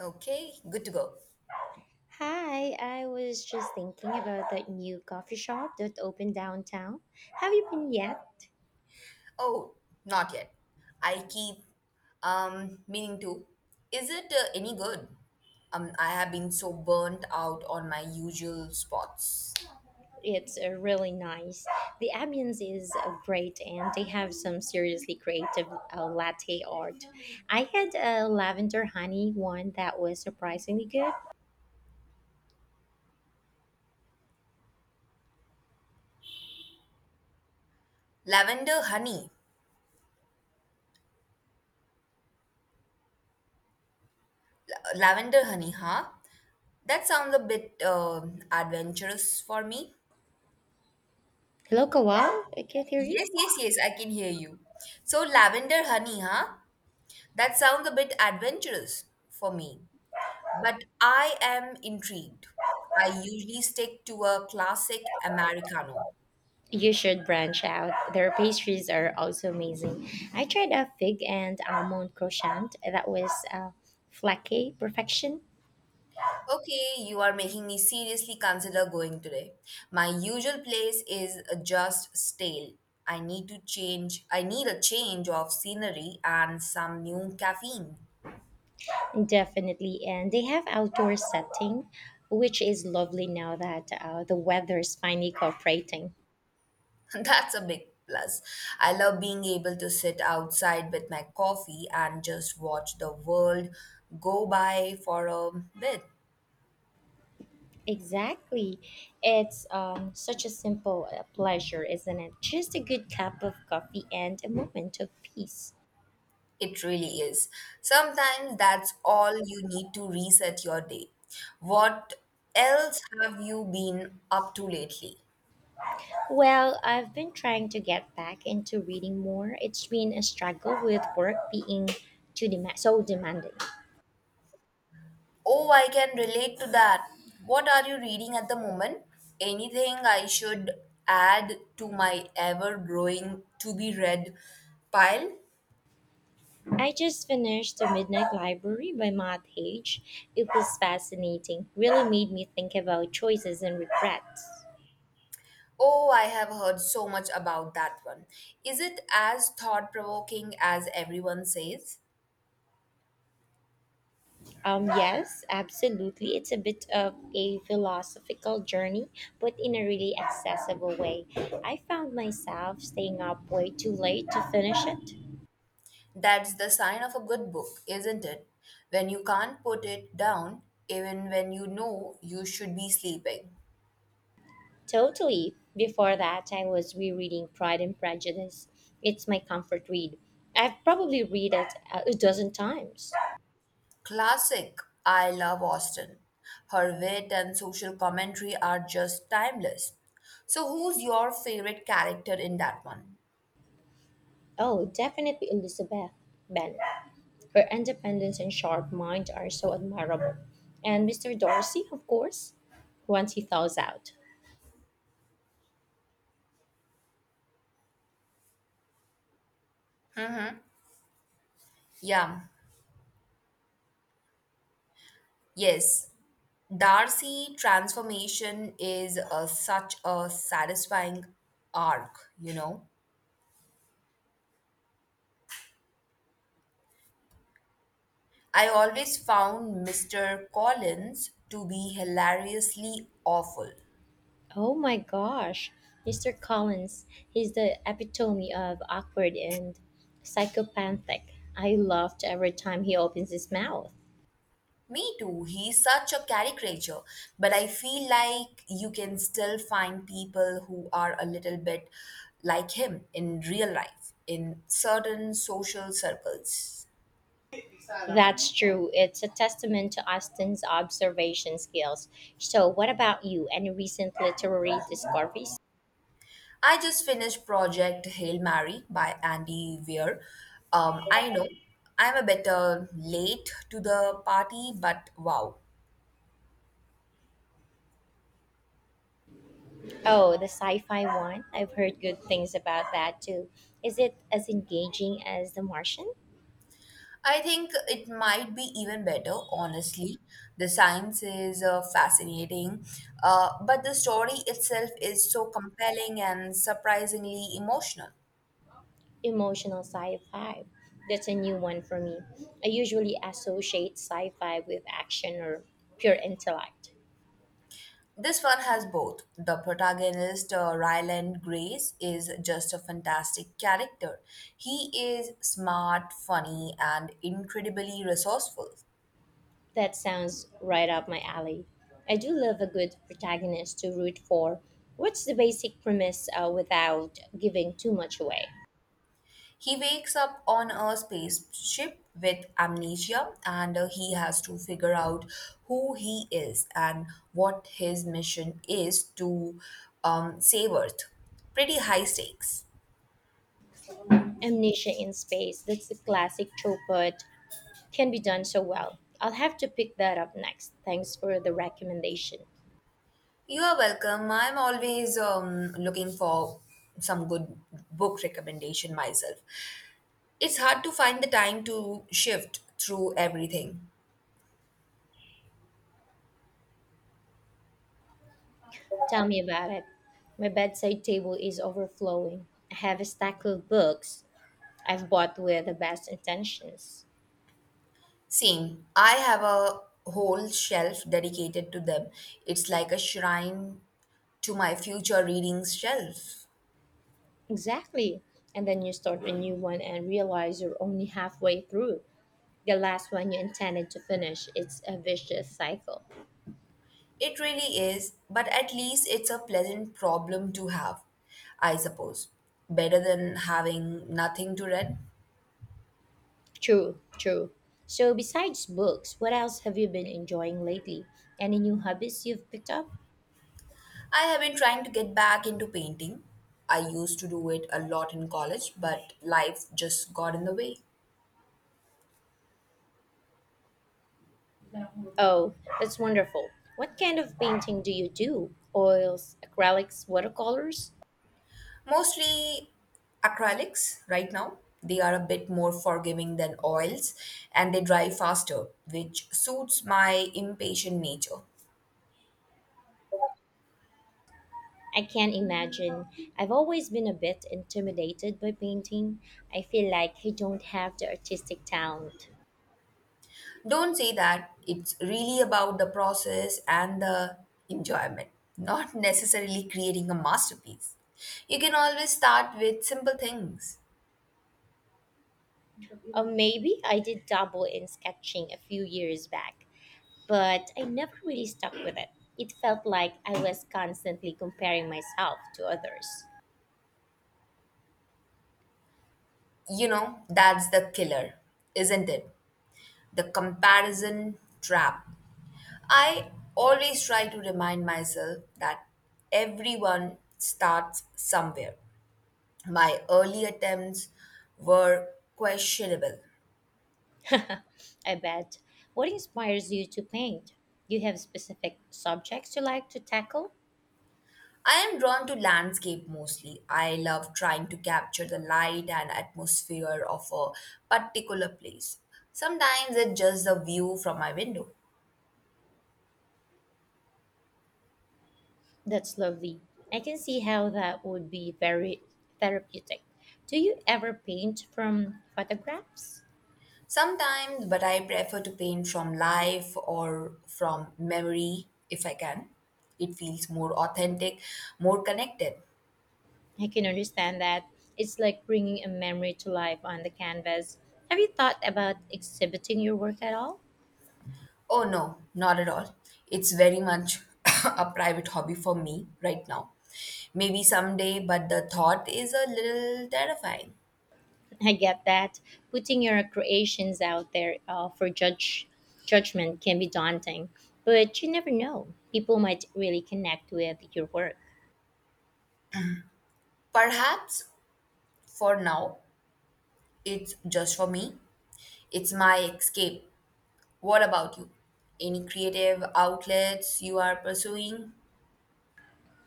Okay, good to go. Hi, I was just thinking about that new coffee shop that opened downtown. Have you been yet? Oh, not yet. I keep meaning to. Is it any good? I have been so burnt out on my usual spots. It's really nice. The ambience is great, and they have some seriously creative latte art. I had a lavender honey one that was surprisingly good. Lavender honey. Lavender honey, huh? That sounds a bit adventurous for me. Hello, Kawal. I can't hear you. Yes, yes, yes, I can hear you. So, lavender honey, huh? That sounds a bit adventurous for me. But I am intrigued. I usually stick to a classic Americano. You should branch out. Their pastries are also amazing. I tried a fig and almond croissant that was flaky perfection. Okay, you are making me seriously consider going today. My usual place is just stale. I need to change, I need a change of scenery and some new caffeine. Definitely, and they have outdoor setting, which is lovely now that the weather is finally cooperating. That's a big plus. I love being able to sit outside with my coffee and just watch the world go by for a bit. Exactly, it's such a simple pleasure, isn't it? Just a good cup of coffee and a moment of peace. It really is. Sometimes that's all you need to reset your day. What else have you been up to lately? Well, I've been trying to get back into reading more. It's been a struggle with work being too dem so demanding. Oh, I can relate to that. What are you reading at the moment? Anything I should add to my ever growing to be read pile? I just finished The Midnight Library by Matt Hage. It was fascinating. Really made me think about choices and regrets. Oh, I have heard so much about that one. Is it as thought provoking as everyone says? Yes, absolutely. It's a bit of a philosophical journey, but in a really accessible way. I found myself staying up way too late to finish it. That's the sign of a good book, isn't it? When you can't put it down, even when you know you should be sleeping. Totally. Before that, I was rereading Pride and Prejudice. It's my comfort read. I've probably read it a dozen times. Classic, I love Austen. Her wit and social commentary are just timeless. So, who's your favorite character in that one? Oh, definitely Elizabeth Bennet. Her independence and sharp mind are so admirable. And Mr. Darcy, of course, once he thaws out. Yeah, yes. Darcy transformation is such a satisfying arc. I always found Mr. Collins to be hilariously awful. Oh my gosh, Mr. Collins, he's the epitome of awkward and psychopathic. I laughed every time he opens his mouth. Me too, he's such a caricature, but I feel like you can still find people who are a little bit like him in real life, in certain social circles. That's true. It's a testament to Austin's observation skills. So, what about you? Any recent literary discoveries? I just finished Project Hail Mary by Andy Weir. I know I'm a bit late to the party, but wow, Oh, the sci-fi one. I've heard good things about that too. Is it as engaging as The Martian? I think it might be even better, honestly. The science is fascinating, but the story itself is so compelling and surprisingly emotional. Emotional sci-fi. That's a new one for me. I usually associate sci-fi with action or pure intellect. This one has both. The protagonist, Ryland Grace, is just a fantastic character. He is smart, funny, and incredibly resourceful. That sounds right up my alley. I do love a good protagonist to root for. What's the basic premise without giving too much away? He wakes up on a spaceship with amnesia and he has to figure out who he is and what his mission is to save Earth. Pretty high stakes. Amnesia in Space. That's a classic trope, but can be done so well. I'll have to pick that up next. Thanks for the recommendation. You are welcome. I'm always looking for some good book recommendation myself. It's hard to find the time to shift through everything. Tell me about it. My bedside table is overflowing. I have a stack of books I've bought with the best intentions. Same. I have a whole shelf dedicated to them. It's like a shrine to my future readings shelf. Exactly. And then you start a new one and realize you're only halfway through. The last one you intended to finish. It's a vicious cycle. It really is, but at least it's a pleasant problem to have, I suppose. Better than having nothing to read. True, true. So, besides books, what else have you been enjoying lately? Any new hobbies you've picked up? I have been trying to get back into painting. I used to do it a lot in college, but life just got in the way. Oh, that's wonderful. What kind of painting do you do? Oils, acrylics, watercolors? Mostly acrylics right now. They are a bit more forgiving than oils and they dry faster, which suits my impatient nature. I can imagine. I've always been a bit intimidated by painting. I feel like I don't have the artistic talent. Don't say that. It's really about the process and the enjoyment, not necessarily creating a masterpiece. You can always start with simple things. Or maybe I did dabble in sketching a few years back, but I never really stuck with it. It felt like I was constantly comparing myself to others. You know, that's the killer, isn't it? The comparison trap. I always try to remind myself that everyone starts somewhere. My early attempts were questionable. I bet. What inspires you to paint? Do you have specific subjects you like to tackle? I am drawn to landscape mostly. I love trying to capture the light and atmosphere of a particular place. Sometimes it's just the view from my window. That's lovely. I can see how that would be very therapeutic. Do you ever paint from photographs? Sometimes, but I prefer to paint from life or from memory if I can. It feels more authentic, more connected. I can understand that. It's like bringing a memory to life on the canvas. Have you thought about exhibiting your work at all? Oh no, not at all. It's very much a private hobby for me right now. Maybe someday, but the thought is a little terrifying. I get that putting your creations out there for judge judgment can be daunting, but you never know. People might really connect with your work. Perhaps for now, it's just for me. It's my escape. What about you? Any creative outlets you are pursuing?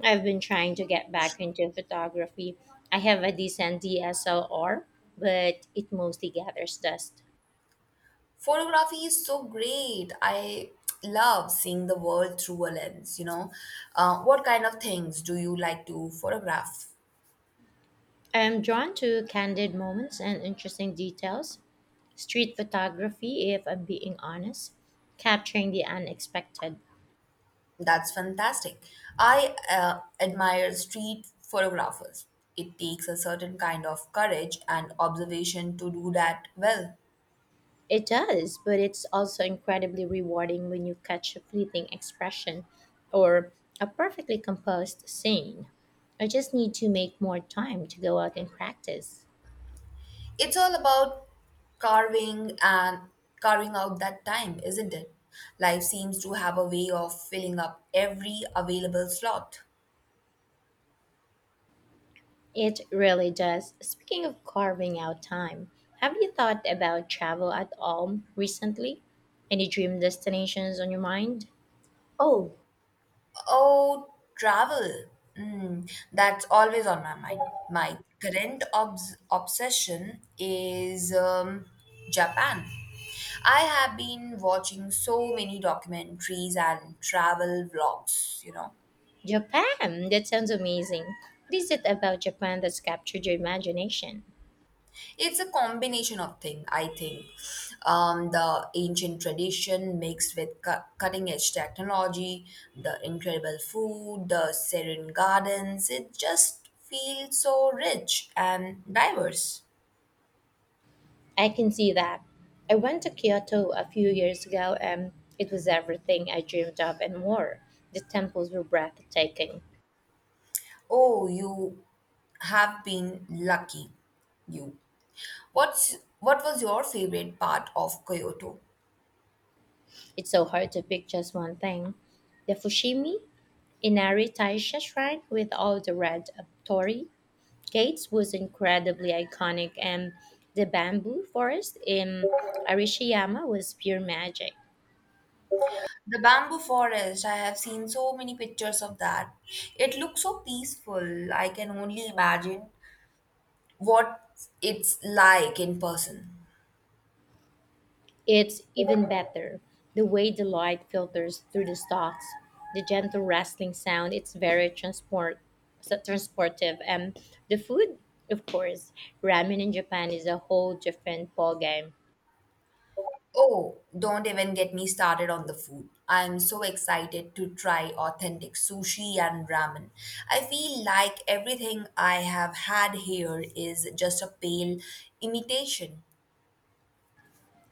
I've been trying to get back into photography. I have a decent DSLR, but it mostly gathers dust. Photography is so great. I love seeing the world through a lens. What kind of things do you like to photograph? I'm drawn to candid moments and interesting details. Street photography, if I'm being honest, capturing the unexpected. That's fantastic. I admire street photographers. It takes a certain kind of courage and observation to do that well. It does, but it's also incredibly rewarding when you catch a fleeting expression or a perfectly composed scene. I just need to make more time to go out and practice. It's all about carving and carving out that time, isn't it? Life seems to have a way of filling up every available slot. It really does. Speaking of carving out time, have you thought about travel at all recently? Any dream destinations on your mind? Oh, Oh, travel. Mm, that's always on my mind. My current obsession is Japan. I have been watching so many documentaries and travel vlogs. Japan! That sounds amazing. What is it about Japan that's captured your imagination? It's a combination of things, I think. The ancient tradition mixed with cutting edge technology, the incredible food, the serene gardens, it just feels so rich and diverse. I can see that. I went to Kyoto a few years ago and it was everything I dreamed of and more. The temples were breathtaking. Oh, you have been lucky, you. What was your favorite part of Kyoto? It's so hard to pick just one thing. The Fushimi Inari Taisha shrine with all the red torii gates was incredibly iconic and the bamboo forest in Arishiyama was pure magic. The bamboo forest, I have seen so many pictures of that. It looks so peaceful. I can only imagine what it's like in person. It's even better. The way the light filters through the stalks, the gentle rustling sound, it's very transport so transportive. And the food, of course, ramen in Japan is a whole different ballgame. Oh, don't even get me started on the food. I'm so excited to try authentic sushi and ramen. I feel like everything I have had here is just a pale imitation.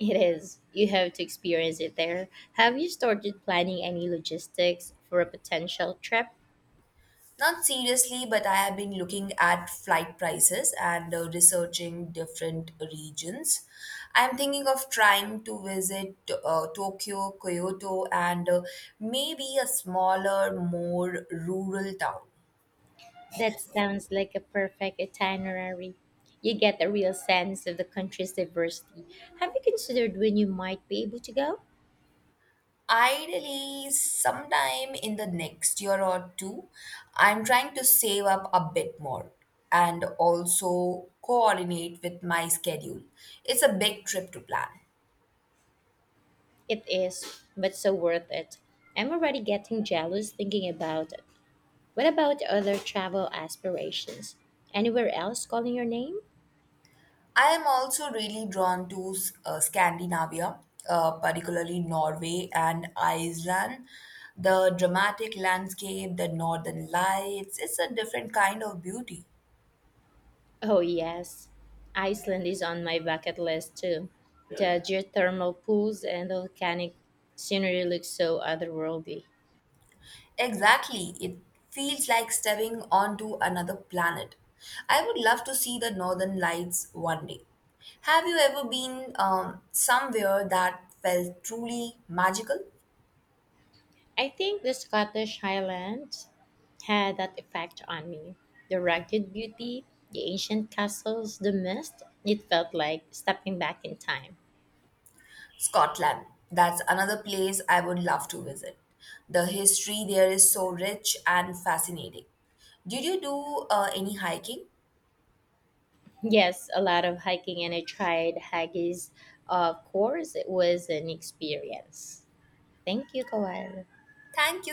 It is. You have to experience it there. Have you started planning any logistics for a potential trip? Not seriously, but I have been looking at flight prices and researching different regions. I'm thinking of trying to visit Tokyo, Kyoto, and maybe a smaller, more rural town. That sounds like a perfect itinerary. You get a real sense of the country's diversity. Have you considered when you might be able to go? Ideally, sometime in the next year or two, I'm trying to save up a bit more and also coordinate with my schedule. It's a big trip to plan. It is, but so worth it. I'm already getting jealous thinking about it. What about other travel aspirations? Anywhere else calling your name? I am also really drawn to Scandinavia, particularly Norway and Iceland. The dramatic landscape, the northern lights, it's a different kind of beauty. Oh, yes. Iceland is on my bucket list too. The geothermal pools and the volcanic scenery look so otherworldly. Exactly, it feels like stepping onto another planet. I would love to see the northern lights one day. Have you ever been somewhere that felt truly magical? I think the Scottish Highlands had that effect on me. The rugged beauty, the ancient castles, the mist, it felt like stepping back in time. Scotland. That's another place I would love to visit. The history there is so rich and fascinating. Did you do any hiking? Yes, a lot of hiking, and I tried haggis. Of course, it was an experience. Thank you, Kawal. Thank you so